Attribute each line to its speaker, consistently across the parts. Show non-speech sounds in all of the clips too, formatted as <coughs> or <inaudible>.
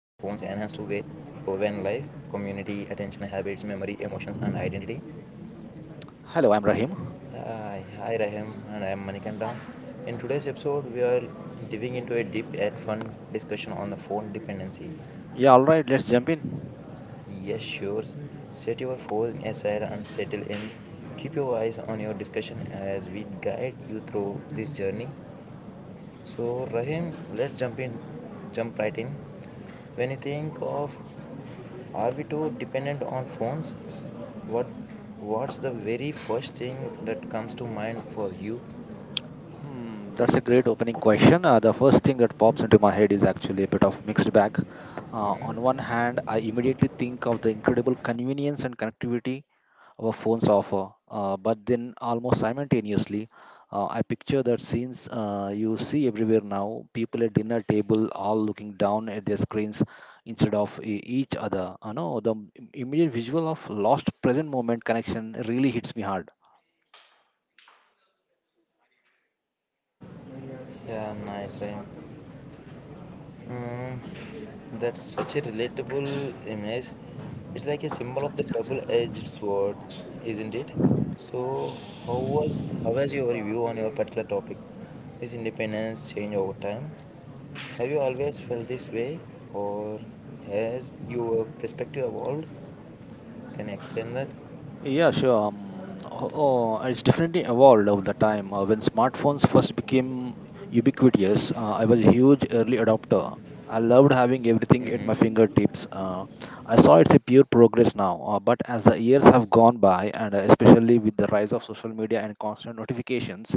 Speaker 1: for van life, community, attention, habits, memory, emotions, and identity.
Speaker 2: Hello, I'm Rahim.
Speaker 1: Hi, hi, Rahim, and I am Manikanta. In today's episode, we are diving into a deep and fun discussion on the phone dependency.
Speaker 2: Yeah, all right, let's jump in.
Speaker 1: Yes, sure. Set your phone aside and settle in. Keep your eyes on your discussion as we guide you through this journey. So Rahim, let's jump right in. When you think of, Are we too dependent on phones? What, what's the very first thing that comes to mind for you?
Speaker 2: That's a great opening question. The first thing that pops into my head is actually a bit of mixed bag. On one hand, I immediately think of the incredible convenience and connectivity our phones offer, but then almost simultaneously, I picture that scenes you see everywhere now, people at dinner table all looking down at their screens instead of each other. I know the immediate visual of lost present moment connection really hits me hard.
Speaker 1: Yeah, nice Rahim. Mm, that's such a relatable image. It's like a symbol of the double-edged sword, isn't it? So, how was your view on your particular topic? This independence change over time. Have you always felt this way, or has your perspective evolved? Can you explain that?
Speaker 2: Yeah, sure. Oh, it's definitely evolved over the time. When smartphones first became ubiquitous, I was a huge early adopter. I loved having everything at my fingertips. I saw it's a pure progress now. But as the years have gone by, and especially with the rise of social media and constant notifications,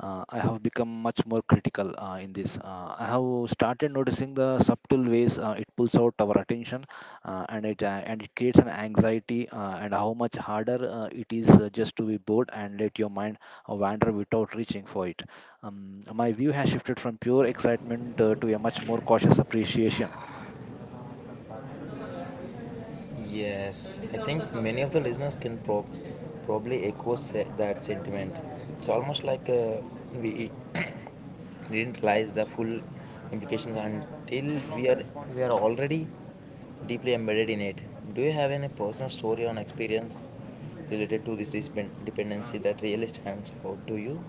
Speaker 2: I have become much more critical in this. I have started noticing the subtle ways it pulls out our attention, and it creates an anxiety, and how much harder it is just to be bored and let your mind wander without reaching for it. My view has shifted from pure excitement to a much more cautious appreciation.
Speaker 1: Yes, I think many of the listeners can probably echo that sentiment. It's almost like we <coughs> <clears throat> didn't realize the full implications until we are already deeply embedded in it. Do you have any personal story or experience related to this dependency that really stands out to you?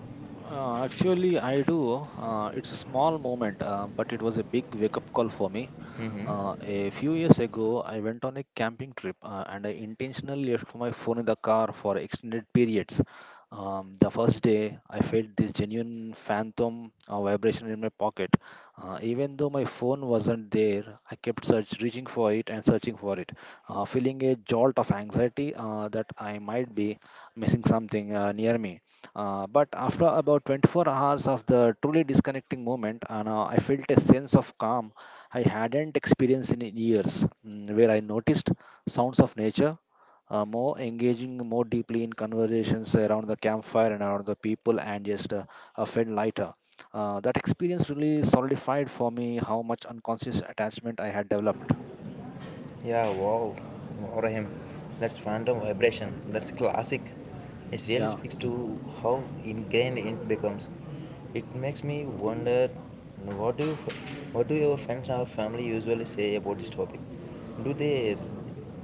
Speaker 2: Actually, I do. It's a small moment, but it was a big wake-up call for me.
Speaker 1: Mm-hmm.
Speaker 2: A few years ago, I went on a camping trip and I intentionally left my phone in the car for extended periods. The first day, I felt this genuine phantom vibration in my pocket. Even though my phone wasn't there, I kept reaching for it and searching for it, feeling a jolt of anxiety that I might be missing something near me. But after about 24 hours of the truly disconnecting moment, I felt a sense of calm I hadn't experienced in years, where I noticed sounds of nature more engaging, more deeply in conversations around the campfire and around the people, and just felt lighter. That experience really solidified for me how much unconscious attachment I had developed.
Speaker 1: Yeah, wow. Warahim. That's phantom vibration. That's classic. It really
Speaker 2: Yeah,
Speaker 1: speaks to how ingrained it becomes. It makes me wonder what do you, what do your friends or family usually say about this topic? Do they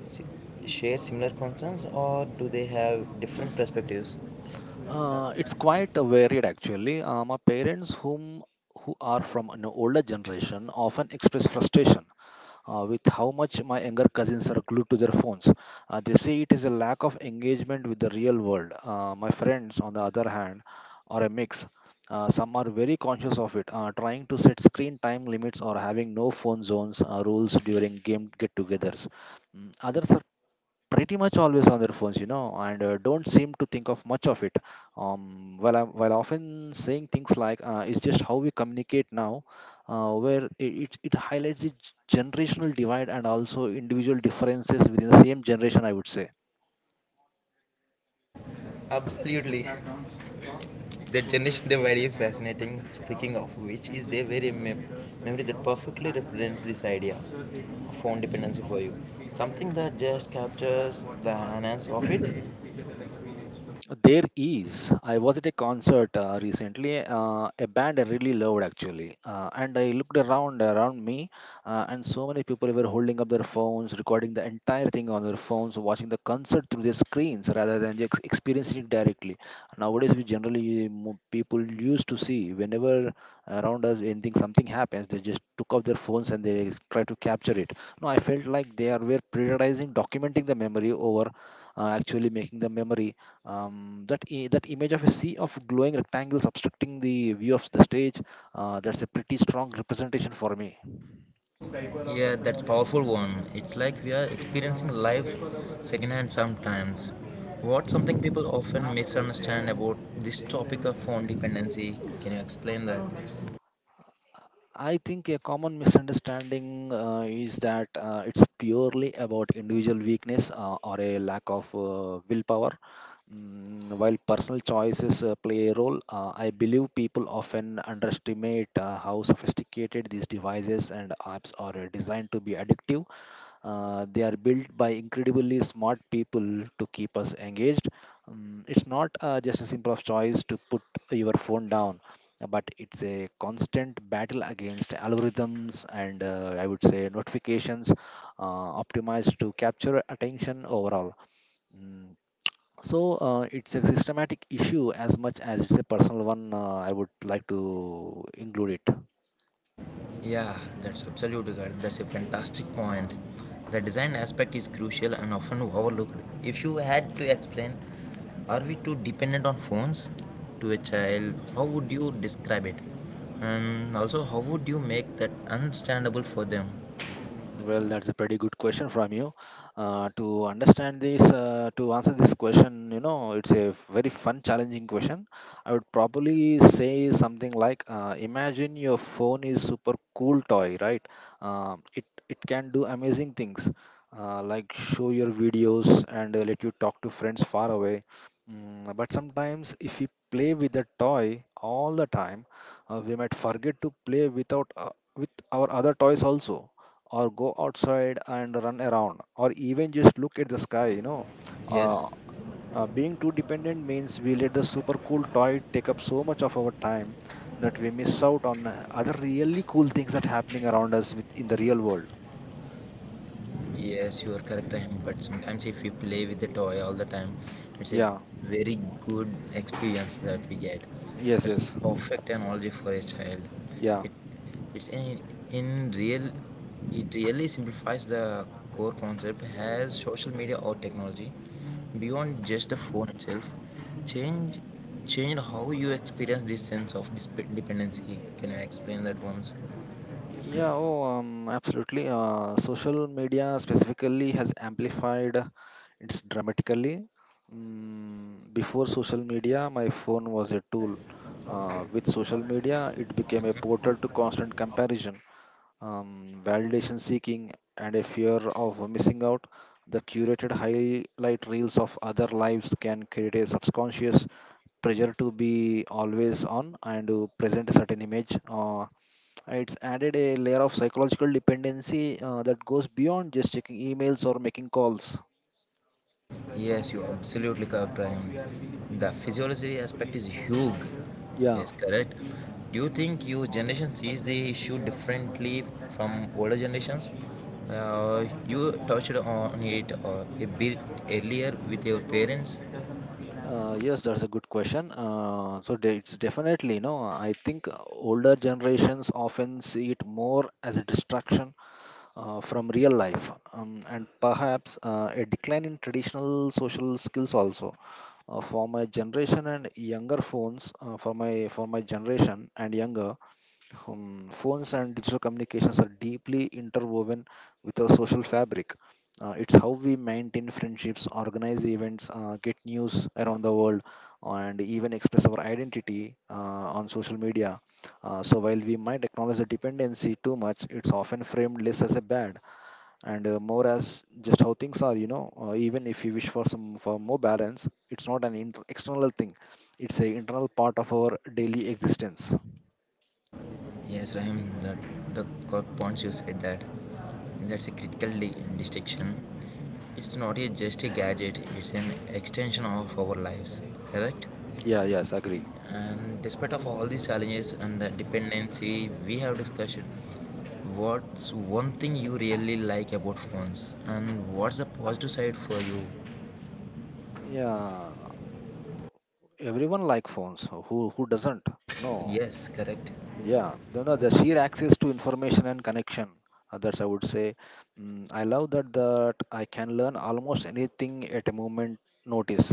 Speaker 1: si- share similar concerns or do they have different perspectives?
Speaker 2: it's quite varied actually. My parents, who are from an older generation, often express frustration with how much my younger cousins are glued to their phones. They say it is a lack of engagement with the real world. My friends, on the other hand, are a mix. Some are very conscious of it, trying to set screen time limits or having no phone zones rules during game get togethers. Others are pretty much always on their phones, and don't seem to think of much of it. While often saying things like "it's just how we communicate now," where it highlights the generational divide and also individual differences within the same generation. I would say.
Speaker 1: Absolutely. The generation divide very fascinating. Speaking of which, is there very memory that perfectly represents this idea of phone dependency for you? Something that just captures the hands of it?
Speaker 2: There is. I was at a concert recently, a band I really loved actually. And I looked around me, and so many people were holding up their phones, recording the entire thing on their phones, watching the concert through their screens rather than just experiencing it directly. Nowadays, people used to see whenever around us anything something happens, they just took off their phones and they try to capture it. No, I felt like they are were prioritizing documenting the memory over actually making the memory, that image of a sea of glowing rectangles obstructing the view of the stage, that's a pretty strong representation for me.
Speaker 1: Yeah, that's powerful one. It's like we are experiencing life secondhand sometimes. What something people often misunderstand about this topic of phone dependency? Can you explain that?
Speaker 2: I think a common misunderstanding is that it's purely about individual weakness or a lack of willpower. While personal choices play a role, I believe people often underestimate how sophisticated these devices and apps are designed to be addictive. They are built by incredibly smart people to keep us engaged. It's not just a simple of choice to put your phone down, but it's a constant battle against algorithms and I would say notifications optimized to capture attention overall. Mm, so it's a systematic issue as much as it's a personal one. I would like to include it.
Speaker 1: Yeah, that's absolutely correct. That's a fantastic point. The design aspect is crucial and often overlooked. If you had to explain, are we too dependent on phones to a child? How would you describe it? And also, how would you make that understandable for them?
Speaker 2: Well, that's a pretty good question from you. To understand this, to answer this question, it's a very fun, challenging question. I would probably say something like, imagine your phone is super cool toy, right? Um, it it can do amazing things, like show your videos and let you talk to friends far away. But sometimes, if we play with the toy all the time, we might forget to play without with our other toys also, or go outside and run around, or even just look at the sky. uh,
Speaker 1: Yes.
Speaker 2: Being too dependent means we let the super cool toy take up so much of our time that we miss out on other really cool things that happening around us with, in the real world.
Speaker 1: Yes, you are correct. Rahim, but sometimes if we play with the toy all the time, it's a
Speaker 2: Yeah.
Speaker 1: very good experience that we get.
Speaker 2: Yes.
Speaker 1: That's
Speaker 2: Yes.
Speaker 1: perfect analogy for a child.
Speaker 2: Yeah.
Speaker 1: It it's in real it really simplifies the core concept as social media or technology beyond just the phone itself. Change change how you experience this sense of dependency. Can you explain that once?
Speaker 2: Yeah, absolutely. Social media specifically has amplified it's dramatically. Before social media, my phone was a tool. With social media, it became a portal to constant comparison, validation seeking, and a fear of missing out. The curated highlight reels of other lives can create a subconscious pressure to be always on and to present a certain image. It's added a layer of psychological dependency that goes beyond just checking emails or making calls.
Speaker 1: Yes, you're absolutely correct, Ryan. The physiology aspect is huge.
Speaker 2: Yeah.
Speaker 1: Yes, correct. Do you think your generation sees the issue differently from older generations? You touched on it a bit earlier with your parents.
Speaker 2: Yes, that's a good question. It's definitely, no. I think older generations often see it more as a distraction from real life, and perhaps a decline in traditional social skills also. For my generation and younger, phones and digital communications are deeply interwoven with our social fabric. It's how we maintain friendships, organize events, get news around the world, and even express our identity on social media. So, while we might acknowledge the dependency too much, it's often framed less as a bad and more as just how things are. Even if you wish for more balance, it's not an external thing; it's an internal part of our daily existence.
Speaker 1: Yes, Rahim, the core points you said that that's a critical distinction. It's not just a gadget, it's an extension of our lives, correct?
Speaker 2: Yeah. Yes. Agree.
Speaker 1: And despite of all these challenges and the dependency we have discussed, what's one thing you really like about phones and what's the positive side for you?
Speaker 2: Yeah, everyone like phones. Who doesn't? No,
Speaker 1: Yes, correct.
Speaker 2: yeah, you know the sheer access to information and connection. Others, I would say, I love that I can learn almost anything at a moment notice.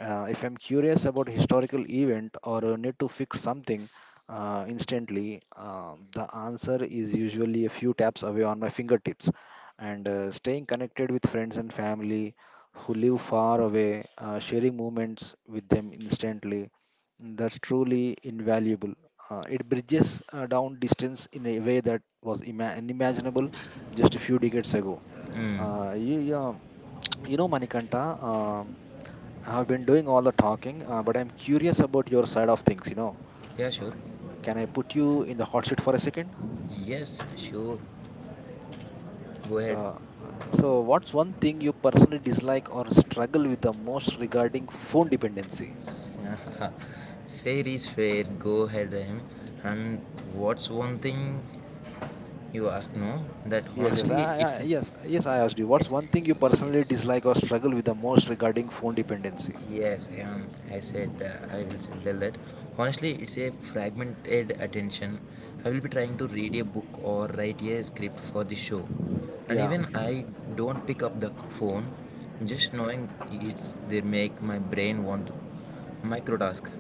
Speaker 2: If I'm curious about historical event or need to fix something instantly, the answer is usually a few taps away on my fingertips. And staying connected with friends and family who live far away, sharing moments with them instantly, that's truly invaluable. It bridges down distance in a way that was unimaginable just a few decades ago. Yeah, <tsk> you know, Manikanta, I have been doing all the talking, but I'm curious about your side of things.
Speaker 1: Yeah, sure.
Speaker 2: Uh, can I put you in the hot seat for a second?
Speaker 1: Yes, sure. Go ahead.
Speaker 2: Uh, so, what's one thing you personally dislike or struggle with the most regarding phone dependency?
Speaker 1: <laughs> Fair is fair. Go ahead, Rahim. And what's one thing you ask? No, that
Speaker 2: Yes, yes,
Speaker 1: honestly, it's
Speaker 2: yes, yes. I asked you, what's
Speaker 1: it's
Speaker 2: one thing you personally dislike or
Speaker 1: yes.
Speaker 2: struggle with the most regarding phone dependency?
Speaker 1: Yes, I said I will tell that. Honestly, it's a fragmented attention. I will be trying to read a book or write a script for the show. And
Speaker 2: Yeah,
Speaker 1: even I don't pick up the phone, just knowing it's they make my brain want to microtask.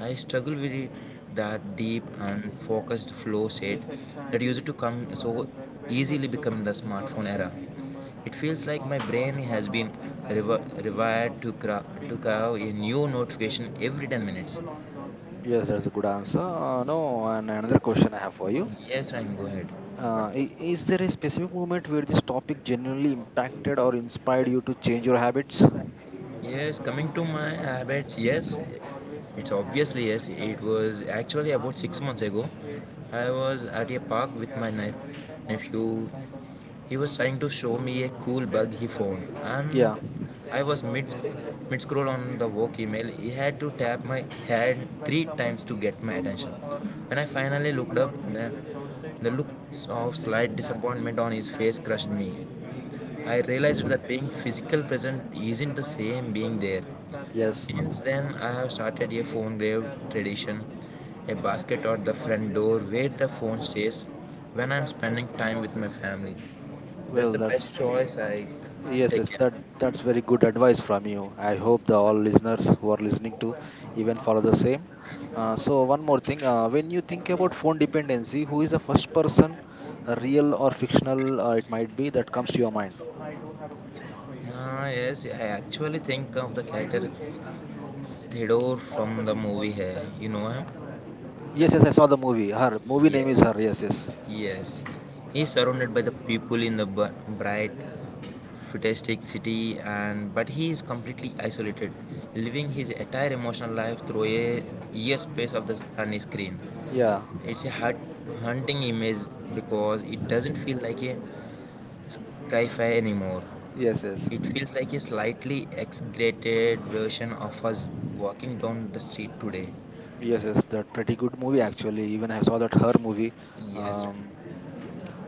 Speaker 1: I struggle with that deep and focused flow state that used to come so easily become the smartphone era. It feels like my brain has been rewired to carve a new notification every 10 minutes.
Speaker 2: yes, that's a good answer. No, and another question I have for you.
Speaker 1: Yes, I'm go ahead.
Speaker 2: Is there a specific moment where this topic genuinely impacted or inspired you to change your habits?
Speaker 1: Yes, coming to my habits, yes, it's obviously yes. It was actually about 6 months ago. I was at a park with my nephew. He was trying to show me a cool bug he found, and
Speaker 2: Yeah,
Speaker 1: I was mid scroll on the work email. He had to tap my hand three times to get my attention. When I finally looked up, the look of slight disappointment on his face crushed me. I realized that being physical present isn't the same being there.
Speaker 2: yes.
Speaker 1: Since then, I have started a phone grave tradition, a basket at the front door where the phone stays when I'm spending time with my family. That's
Speaker 2: Well,
Speaker 1: the best
Speaker 2: that's...
Speaker 1: choice I
Speaker 2: Yes, yes,
Speaker 1: taken.
Speaker 2: that's very good advice from you. I hope the all listeners who are listening to even follow the same. So one more thing, when you think about phone dependency, who is the first person, real or fictional, it might be that comes to your mind?
Speaker 1: Ah yes, I actually think of the character Theodore from the movie Hair. You know him?
Speaker 2: Yes, yes, I saw the movie. Her movie name is her. Yes,
Speaker 1: Yes,
Speaker 2: yes,
Speaker 1: yes. He's surrounded by the people in the bright, futuristic city, and but he is completely isolated, living his entire emotional life through a ear space of the sunny screen.
Speaker 2: yeah,
Speaker 1: It's a heart haunting image because it doesn't feel like a sci-fi anymore.
Speaker 2: yes, yes,
Speaker 1: It feels like a slightly exaggerated version of us walking down the street today.
Speaker 2: yes, yes. That pretty good movie actually. Even I saw that her movie.
Speaker 1: Yes, Ram.
Speaker 2: Um,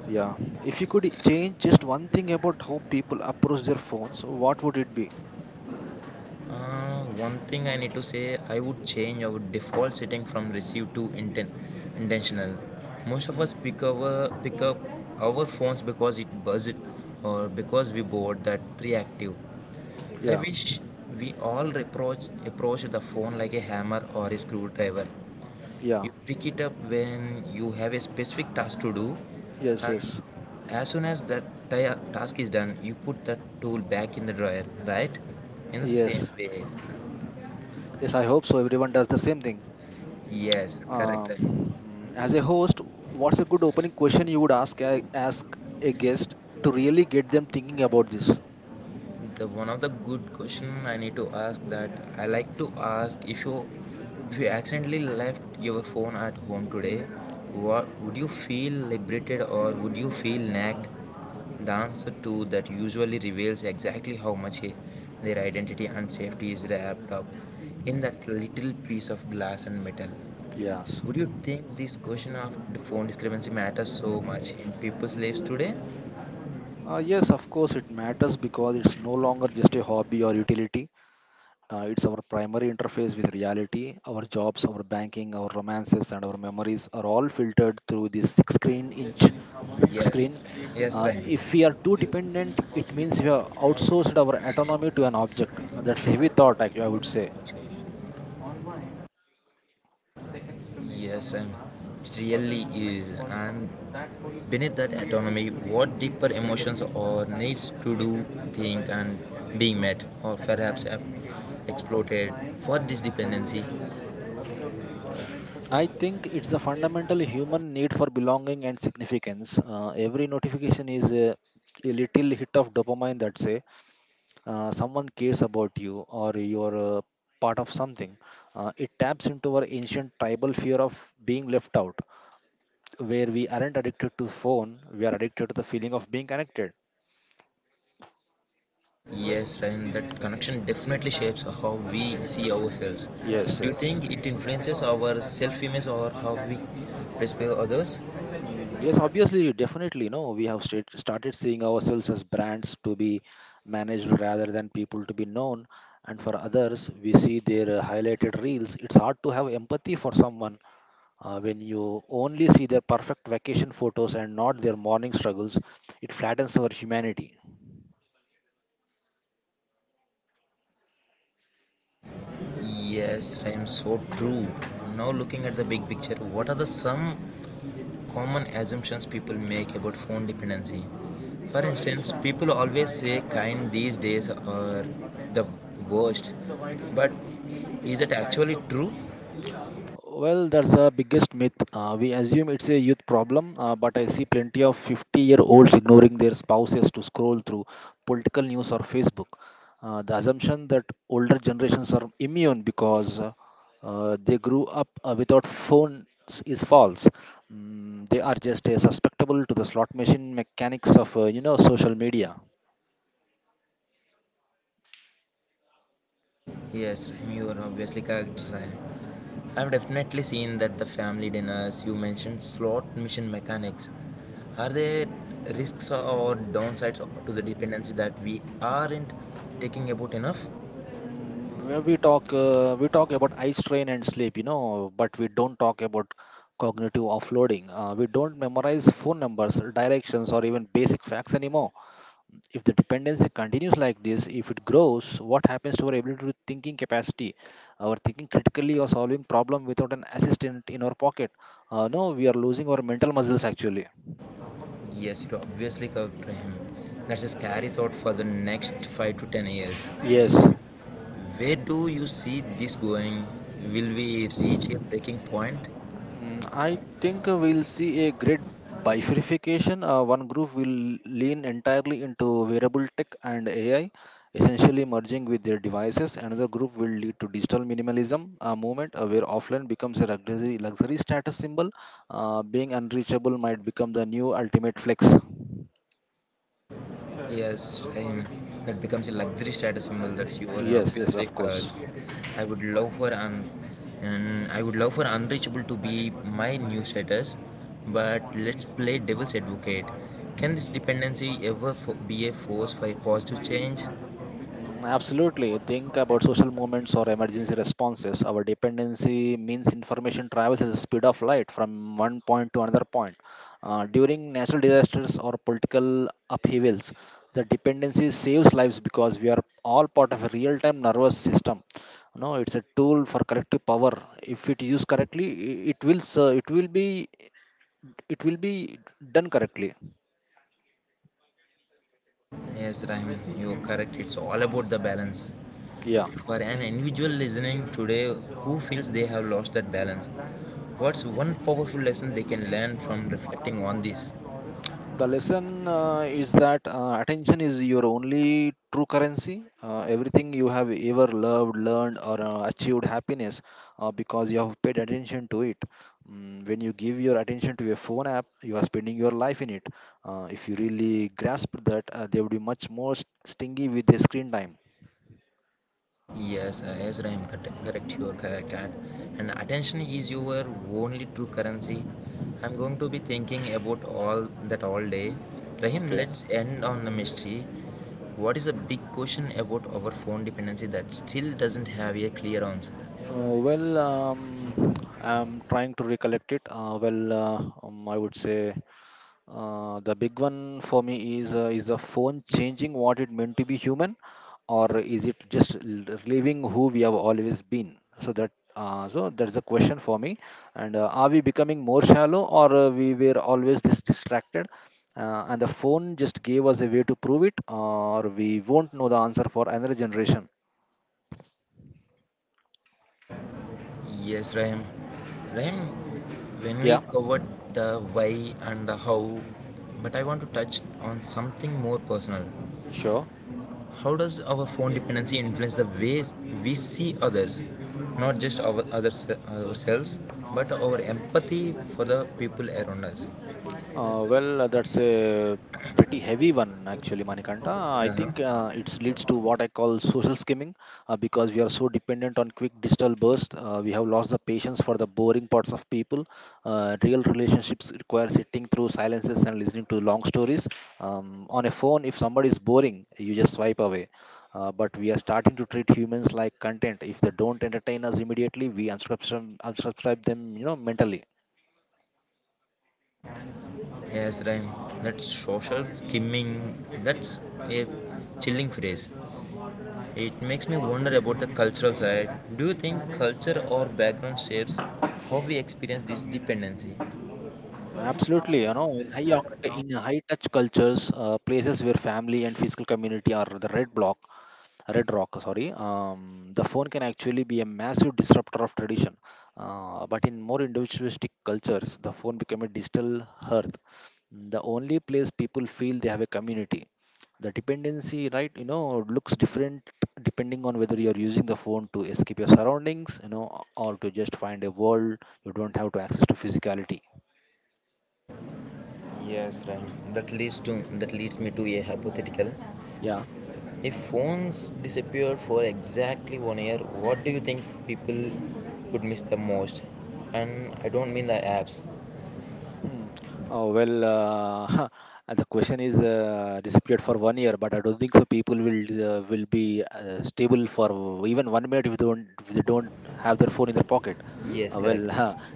Speaker 2: yeah, if you could change just one thing about how people approach their phones, what would it be?
Speaker 1: One thing I need to say, I would change our default setting from receive to intentional. Most of us
Speaker 2: Mm,
Speaker 1: pick up our phones because it buzzed or because we bored that reactive. I
Speaker 2: yeah.
Speaker 1: wish we all approach the phone like a hammer or a screwdriver.
Speaker 2: Yeah.
Speaker 1: You pick it up when you have a specific task to do,
Speaker 2: Yes.
Speaker 1: and
Speaker 2: Yes.
Speaker 1: as soon as that task is done, you put that tool back in the drawer, right? In the same
Speaker 2: Yes.
Speaker 1: way,
Speaker 2: Yes. I hope so. Everyone does the same thing.
Speaker 1: yes, correct.
Speaker 2: Um, as a host, what's a good opening question you would ask a guest to really get them thinking about this?
Speaker 1: The one of the good question I need to ask that I like to ask if you accidentally left your phone at home today, what would you feel liberated or would you feel nagged? The answer to that usually reveals exactly how much their identity and safety is wrapped up in that little piece of glass and metal.
Speaker 2: Yes.
Speaker 1: Would you think this question of the phone discrepancy matters so much in people's lives today?
Speaker 2: Yes, of course, it matters because it's no longer just a hobby or utility. It's our primary interface with reality. Our jobs, our banking, our romances, and our memories are all filtered through this six-screen-inch
Speaker 1: Yes,
Speaker 2: screen.
Speaker 1: yes, Ryan.
Speaker 2: If we are too
Speaker 1: Chelsea saying
Speaker 2: dependent,
Speaker 1: about
Speaker 2: it
Speaker 1: your
Speaker 2: means we
Speaker 1: work
Speaker 2: have
Speaker 1: was
Speaker 2: outsourced our autonomy to an
Speaker 1: countless
Speaker 2: object. Uh,
Speaker 1: taking
Speaker 2: That's heavy
Speaker 1: measures
Speaker 2: thought, actually, I
Speaker 1: more
Speaker 2: would
Speaker 1: than
Speaker 2: say.
Speaker 1: expectations. On mine, 6 seconds to make yes, someone Ram. Laugh it was really enough is. For and that force beneath that creators autonomy, to reach what deeper emotions creativity or needs satisfaction to do, and think, unsurprisingly, and being met, or and perhaps exploited for this my dependence dependency.
Speaker 2: I think it's a fundamental human need for belonging and significance. Every notification is a little hit of dopamine, that's say someone cares about you, or you're part of something. It taps into our ancient tribal fear of being left out. Where we aren't addicted to phone, we are addicted to the feeling of being connected.
Speaker 1: Yes, Ryan, that connection definitely shapes how we see ourselves.
Speaker 2: Yes,
Speaker 1: Do you
Speaker 2: yes.
Speaker 1: think it influences our self image or how we perceive others?
Speaker 2: Yes, obviously, definitely. No, we have started seeing ourselves as brands to be managed rather than people to be known. And for others, we see their highlighted reels. It's hard to have empathy for someone when you only see their perfect vacation photos and not their morning struggles. It flattens our humanity.
Speaker 1: Yes, Ryan, so true. Now, looking at the big picture, what are the some common assumptions people make about phone dependency? For instance, people always say kind these days are the worst, but is it actually true?
Speaker 2: Well, that's the biggest myth. We assume it's a youth problem, but I see plenty of 50-year-olds ignoring their spouses to scroll through political news or Facebook. The assumption that older generations are immune because they grew up without phones is false. They are just susceptible to the slot machine mechanics of you know social media.
Speaker 1: Yes, Rahim, you are obviously correct. Rahim. I've definitely seen that the family dinners you mentioned slot mission mechanics. Are there risks or downsides to the dependency that we aren't taking about enough?
Speaker 2: Mm, where we talk We talk about eye strain and sleep, you know, but we don't talk about cognitive offloading. We don't memorize phone numbers, directions, or even basic facts anymore. If the dependency continues like this, if it grows, what happens to our ability to thinking capacity, our thinking critically or solving problem without an assistant in our pocket? No, we are losing our mental muscles actually.
Speaker 1: Yes, you're obviously correct, Rahim. That's a scary thought for the next 5 to 10 years.
Speaker 2: Yes.
Speaker 1: Where do you see this going? Will we reach a breaking point?
Speaker 2: I think we'll see a great bifurcation. One group will lean entirely into wearable tech and AI, essentially merging with their devices. Another group will lead to digital minimalism movement, where offline becomes a luxury status symbol. Being unreachable might become the new ultimate flex.
Speaker 1: Yes, and that becomes a luxury status symbol. That's your
Speaker 2: Yes, yes,
Speaker 1: obviously.
Speaker 2: of course.
Speaker 1: I would love for un, I would love for unreachable to be my new status, but let's play devil's advocate. Can this dependency ever be a force for a positive change?
Speaker 2: Absolutely. Think about social movements or emergency responses. Our dependency means information travels at the speed of light from one point to another point. During natural disasters or political upheavals, the dependency saves lives because we are all part of a real time nervous system. No, it's a tool for collective power. If it is used correctly, I- it will, s- it will be done correctly.
Speaker 1: Yes, Rahim, you're correct. It's all about the balance.
Speaker 2: Yeah.
Speaker 1: For an individual listening today who feels they have lost that balance, what's one powerful lesson they can learn from reflecting on this?
Speaker 2: The lesson is that attention is your only true currency. Everything you have ever loved, learned, or achieved happiness because you have paid attention to it. When you give your attention to a phone app, you are spending your life in it. If you really grasp that, they would be much more stingy with their screen time.
Speaker 1: Yes, yes, Rahim, correct, correct, you are correct. And attention is your only true currency. I'm going to be thinking about all that all day. Rahim,
Speaker 2: Okay.
Speaker 1: let's end on the mystery. What is a big question about our phone dependency that still doesn't have a clear answer?
Speaker 2: Uh, well, um, I'm trying to recollect it. I would say the big one for me is the phone changing what it meant to be human, or is it just living who we have always been? So that so that's the question for me. And are we becoming more shallow, or we were always this distracted? And the phone just gave us a way to prove it, or we won't know the answer for another generation.
Speaker 1: Yes, Rahim. Rahim, when
Speaker 2: Yeah,
Speaker 1: we covered the why and the how, but I want to touch on something more personal.
Speaker 2: sure.
Speaker 1: How does our phone dependency influence the ways we see others, not just our others ourselves, but our empathy for the people around us?
Speaker 2: Well, that's a pretty heavy one, actually, Manikanta. I
Speaker 1: Uh-huh.
Speaker 2: think it leads to what I call social skimming because we are so dependent on quick digital bursts. We have lost the patience for the boring parts of people. Real relationships require sitting through silences and listening to long stories. On a phone, if somebody is boring, you just swipe away. But we are starting to treat humans like content. If they don't entertain us immediately, we unsubscribe them, you know, mentally.
Speaker 1: Yes, Rhyme. That social skimming, that's a chilling phrase. It makes me wonder about the cultural side. Do you think culture or background shapes how we experience this dependency?
Speaker 2: Absolutely, you know, in high touch cultures, places where family and physical community are the red rock, sorry, the phone can actually be a massive disruptor of tradition. But in more individualistic cultures, the phone became a digital hearth, the only place people feel they have a community. The dependency, right, you know, looks different depending on whether you're using the phone to escape your surroundings, you know, or to just find a world you don't have to access to physicality.
Speaker 1: Yes, right. That leads me to a hypothetical.
Speaker 2: Yeah.
Speaker 1: If phones disappeared for exactly one year, what do you think people would miss the most? And I don't mean the apps.
Speaker 2: Hmm. Oh, well, <laughs> the question is disappeared for one year, but I don't think so. People will be stable for even one minute if they don't have their phone in their pocket.
Speaker 1: Yes,
Speaker 2: Well,
Speaker 1: correct.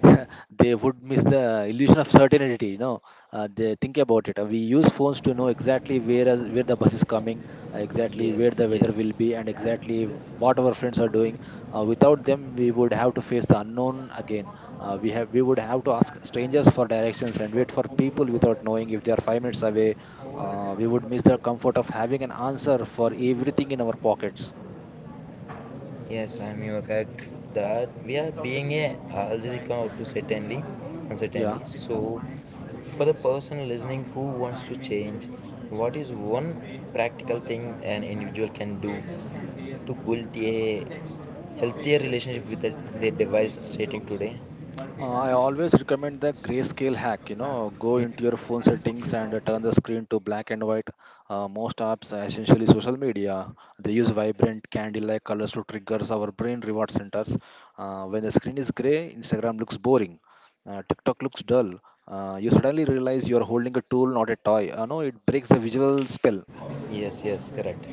Speaker 2: <laughs> they would miss the illusion of certainty. You know, think about it. We use phones to know where the bus is coming, exactly where
Speaker 1: Yes,
Speaker 2: the weather will
Speaker 1: yes.
Speaker 2: be, and exactly what our friends are doing. Without them, we would have to face the unknown again. We would have to ask strangers for directions and wait for people without knowing if they are five minutes away. We would miss the comfort of having an answer for everything in our pockets.
Speaker 1: Yes, Ram, you are correct that we are being a algebra to certainly
Speaker 2: Yeah.
Speaker 1: uncertainly. So, for the person listening who wants to change, what is one practical thing an individual can do to build a healthier relationship with their device starting today?
Speaker 2: I always recommend the grayscale hack. You know, go into your phone settings and turn the screen to black and white. Most apps, essentially social media, they use vibrant candy-like colors to trigger our brain reward centers. When the screen is gray, Instagram looks boring, TikTok looks dull. You suddenly realize you are holding a tool, not a toy. No, it breaks the visual spell.
Speaker 1: Yes, yes, correct.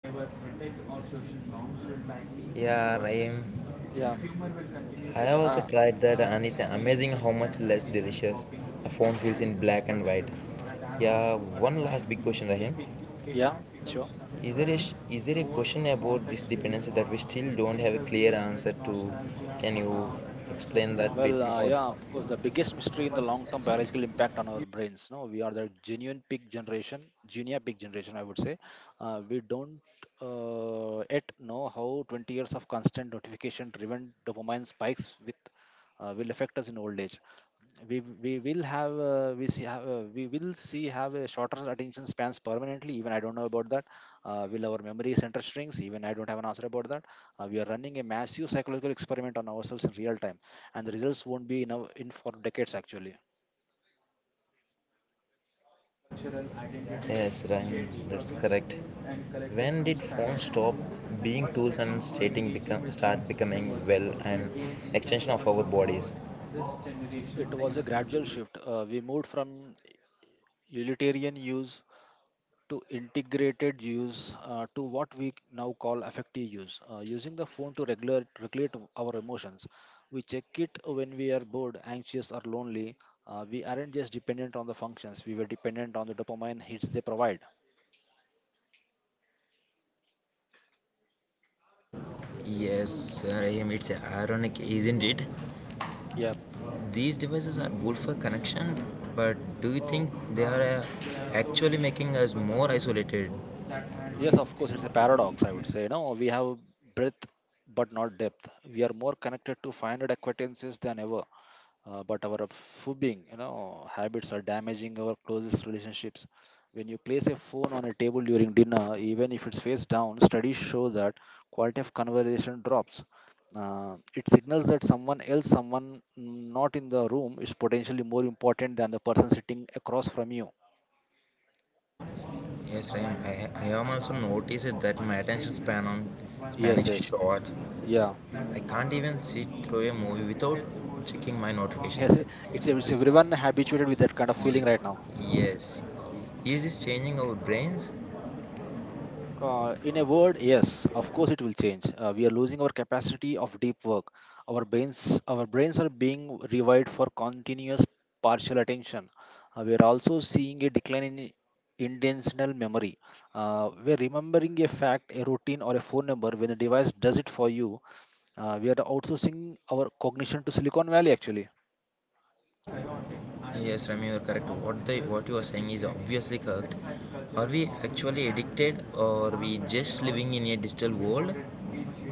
Speaker 1: They were protect our social norms will back me. Yeah, Raim.
Speaker 2: Yeah.
Speaker 1: I have also
Speaker 2: Uh,
Speaker 1: tried that, and it's amazing how much less delicious the phone feels in black and white. Yeah, one last big question, Rahim.
Speaker 2: yeah, sure.
Speaker 1: Is there a question about this dependency that we still don't have a clear answer to? Can
Speaker 2: Uh,
Speaker 1: you explain that bit
Speaker 2: Well, uh,
Speaker 1: more?
Speaker 2: yeah, of course, the biggest mystery in the long-term biological impact on our brains. No, we are the genuine pig generation, junior pig generation, I would say. We don't yet know how 20 years of constant notification-driven dopamine spikes with will affect us in old age. We will have we see have We will see have a shorter attention spans permanently. Even I don't know about that. Will our memory center strings? Even I don't have an answer about that. We are running a massive psychological experiment on ourselves in real time, and the results won't be in for decades actually.
Speaker 1: Cultural identity. Yes, Ryan, that's correct. When did phones stop being tools and start becoming well an extension of our bodies? This generation
Speaker 2: It was a
Speaker 1: thinks
Speaker 2: gradual shift. We moved from utilitarian use to integrated use to what we now call affective use, using the phone to regulate our emotions. We check it when we are bored, anxious, or lonely. We aren't just dependent on the functions, we were dependent on the dopamine hits they provide.
Speaker 1: yes, Rahim, it's ironic, isn't it?
Speaker 2: Yep.
Speaker 1: These devices are good for connection, but do you think they are actually making us more isolated?
Speaker 2: Yes, of course, it's a paradox, I would say. No, we have breadth but not depth. We are more connected to 500 acquaintances than ever, but our fobbing you know habits are damaging our closest relationships. When you place a phone on a table during dinner, even if it's face down, studies show that quality of conversation drops. It signals that someone not in the room is potentially more important than the person sitting across from you.
Speaker 1: Yes, Rahim, I am also noticed that my attention span on
Speaker 2: Yes,
Speaker 1: Spanish
Speaker 2: yes,
Speaker 1: short.
Speaker 2: yeah,
Speaker 1: I can't even sit through a movie without checking my notification.
Speaker 2: yes, it's
Speaker 1: Y-
Speaker 2: everyone habituated with that kind of
Speaker 1: y-
Speaker 2: feeling right now.
Speaker 1: yes. Is this changing our brains?
Speaker 2: In a word, yes, of course it will change. We are losing our capacity of deep work. Our brains are being rewired for continuous partial attention. We are also seeing a decline in intentional memory. We are remembering a fact, a routine, or a phone number when the device does it for you. We are outsourcing our cognition to Silicon Valley actually.
Speaker 1: Yes, Rami, you're correct. What you are saying is obviously correct. Are we actually addicted or we just living in a digital world?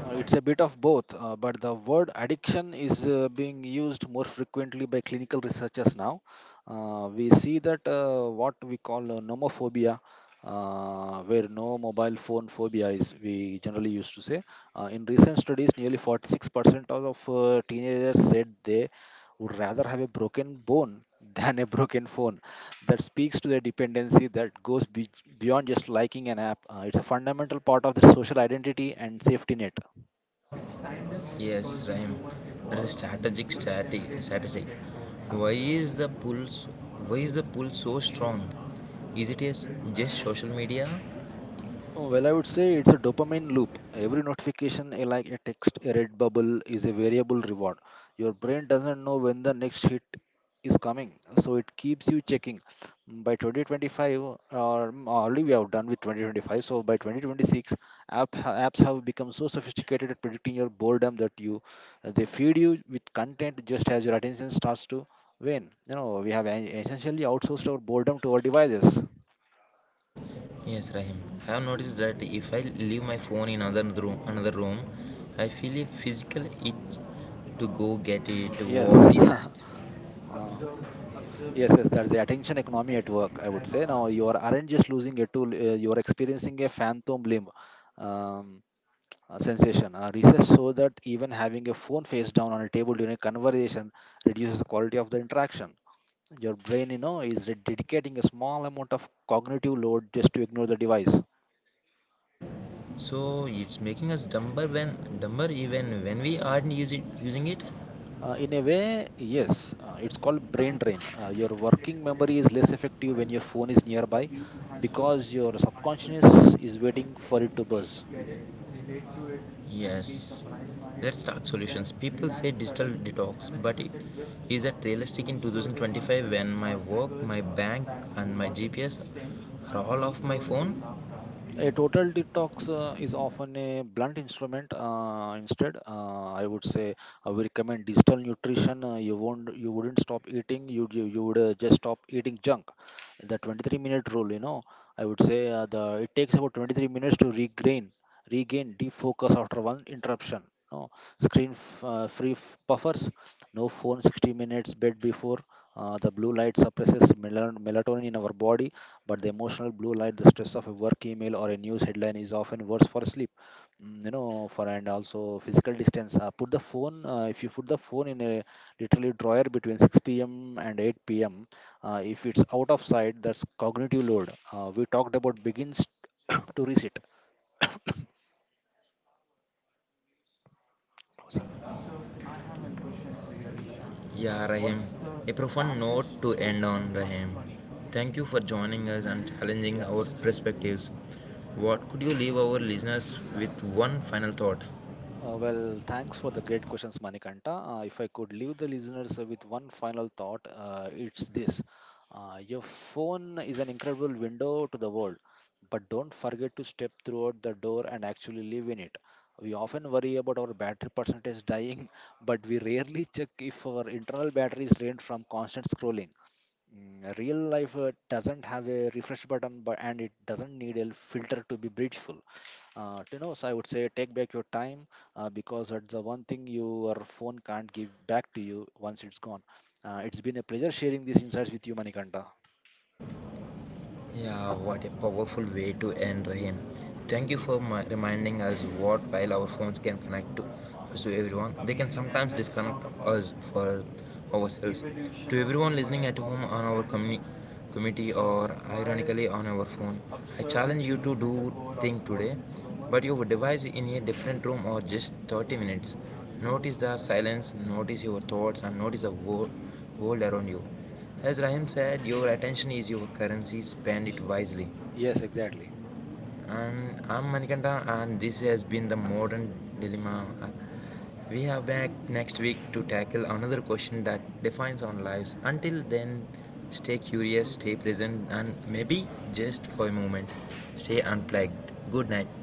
Speaker 2: It's a bit of both, but the word addiction is being used more frequently by clinical researchers now. We see that what we call nomophobia, where no mobile phone phobia is, we generally used to say. In recent studies, nearly 46% of teenagers said they would rather have a broken bone <laughs> than a broken phone. That speaks to the dependency that goes beyond just liking an app. It's a fundamental part of the social identity and safety net.
Speaker 1: Yes, Rahim. That's a strategic strategy. Why is the pull so, why is the pull so strong? Is just social media.
Speaker 2: Oh, well, I would say it's a dopamine loop. Every notification, like a text, a red bubble, is a variable reward. Your brain doesn't know when the next hit is coming, so it keeps you checking. By 2025, or already we have done with 2025, so by 2026, apps have become so sophisticated at predicting your boredom that you they feed you with content just as your attention starts to wane. You know, we have essentially outsourced our boredom to our devices.
Speaker 1: Yes, Rahim. I have noticed that if I leave my phone in another room, I feel a physical itch to go get it.
Speaker 2: Yes.
Speaker 1: What is that?
Speaker 2: <laughs> uh, Yes, yes, that's the attention economy at work, I would say. Now, aren't just losing a tool, you are experiencing a phantom limb um, sensation. Research shows that even having a phone face down on a table during a conversation reduces the quality of the interaction. Your brain, you know, is dedicating a small amount of cognitive load just to ignore the device.
Speaker 1: So it's making us dumber even when we aren't using it.
Speaker 2: In a way, yes, it's called brain drain. Your working memory is less effective when your phone is nearby because your subconscious is waiting for it to buzz.
Speaker 1: Yes, let's talk solutions. People say digital detox, but is that realistic in 2025 when my work, my bank, and my GPS are all off my phone?
Speaker 2: A total detox is often a blunt instrument. Instead, I would recommend digital nutrition. You wouldn't stop eating. You would just stop eating junk. The 23-minute rule, you know, I would say the it takes about 23 minutes to regain defocus after one interruption. No free buffers, no phone, 60 minutes bed before. The blue light suppresses melatonin in our body, but the emotional blue light, the stress of a work email or a news headline, is often worse for sleep. You know, for and also physical distance, put the phone if you put the phone in a literally drawer between 6 p.m. and 8 p.m., if it's out of sight, that's cognitive load we talked about begins <coughs> to reset. Closing.
Speaker 1: I have a question for you, Ishan. Yeah, Rahim. What's the a profound note hardest to happiest end on, moment of Rahim. Funny? Thank you for joining us and challenging our
Speaker 2: Yes.
Speaker 1: perspectives. What could you leave our listeners with one final thought?
Speaker 2: Thanks for the great questions, Manikanta. If I could leave the listeners with one final thought, it's this. Your phone is an incredible window to the world, but don't forget to step throughout the door and actually live in it. We often worry about our battery percentage dying, <laughs> but we rarely check if our internal battery is drained from constant scrolling. Real life doesn't have a refresh button, but and it doesn't need a filter to be beautiful. You know, so I would say take back your time because that's the one thing your phone can't give back to you once it's gone. It's been a pleasure sharing these insights with you, Manikanta.
Speaker 1: Yeah, what a powerful way to end, Rahim. Thank you for my, reminding us what while our phones can connect to us to everyone, they can sometimes disconnect us for ourselves. To everyone listening at home on our community or ironically on our phone, I challenge you to do thing today, but your device in a different room or just 30 minutes. Notice the silence, notice your thoughts, and notice the world around you. As Rahim said, your attention is your currency, spend it wisely.
Speaker 2: Yes, exactly.
Speaker 1: And I'm Manikanta, and this has been the modern dilemma. Uh, We are back next week to tackle another question that defines our lives. Until then, stay curious, stay present, and maybe just for a moment, stay unplugged. Good night.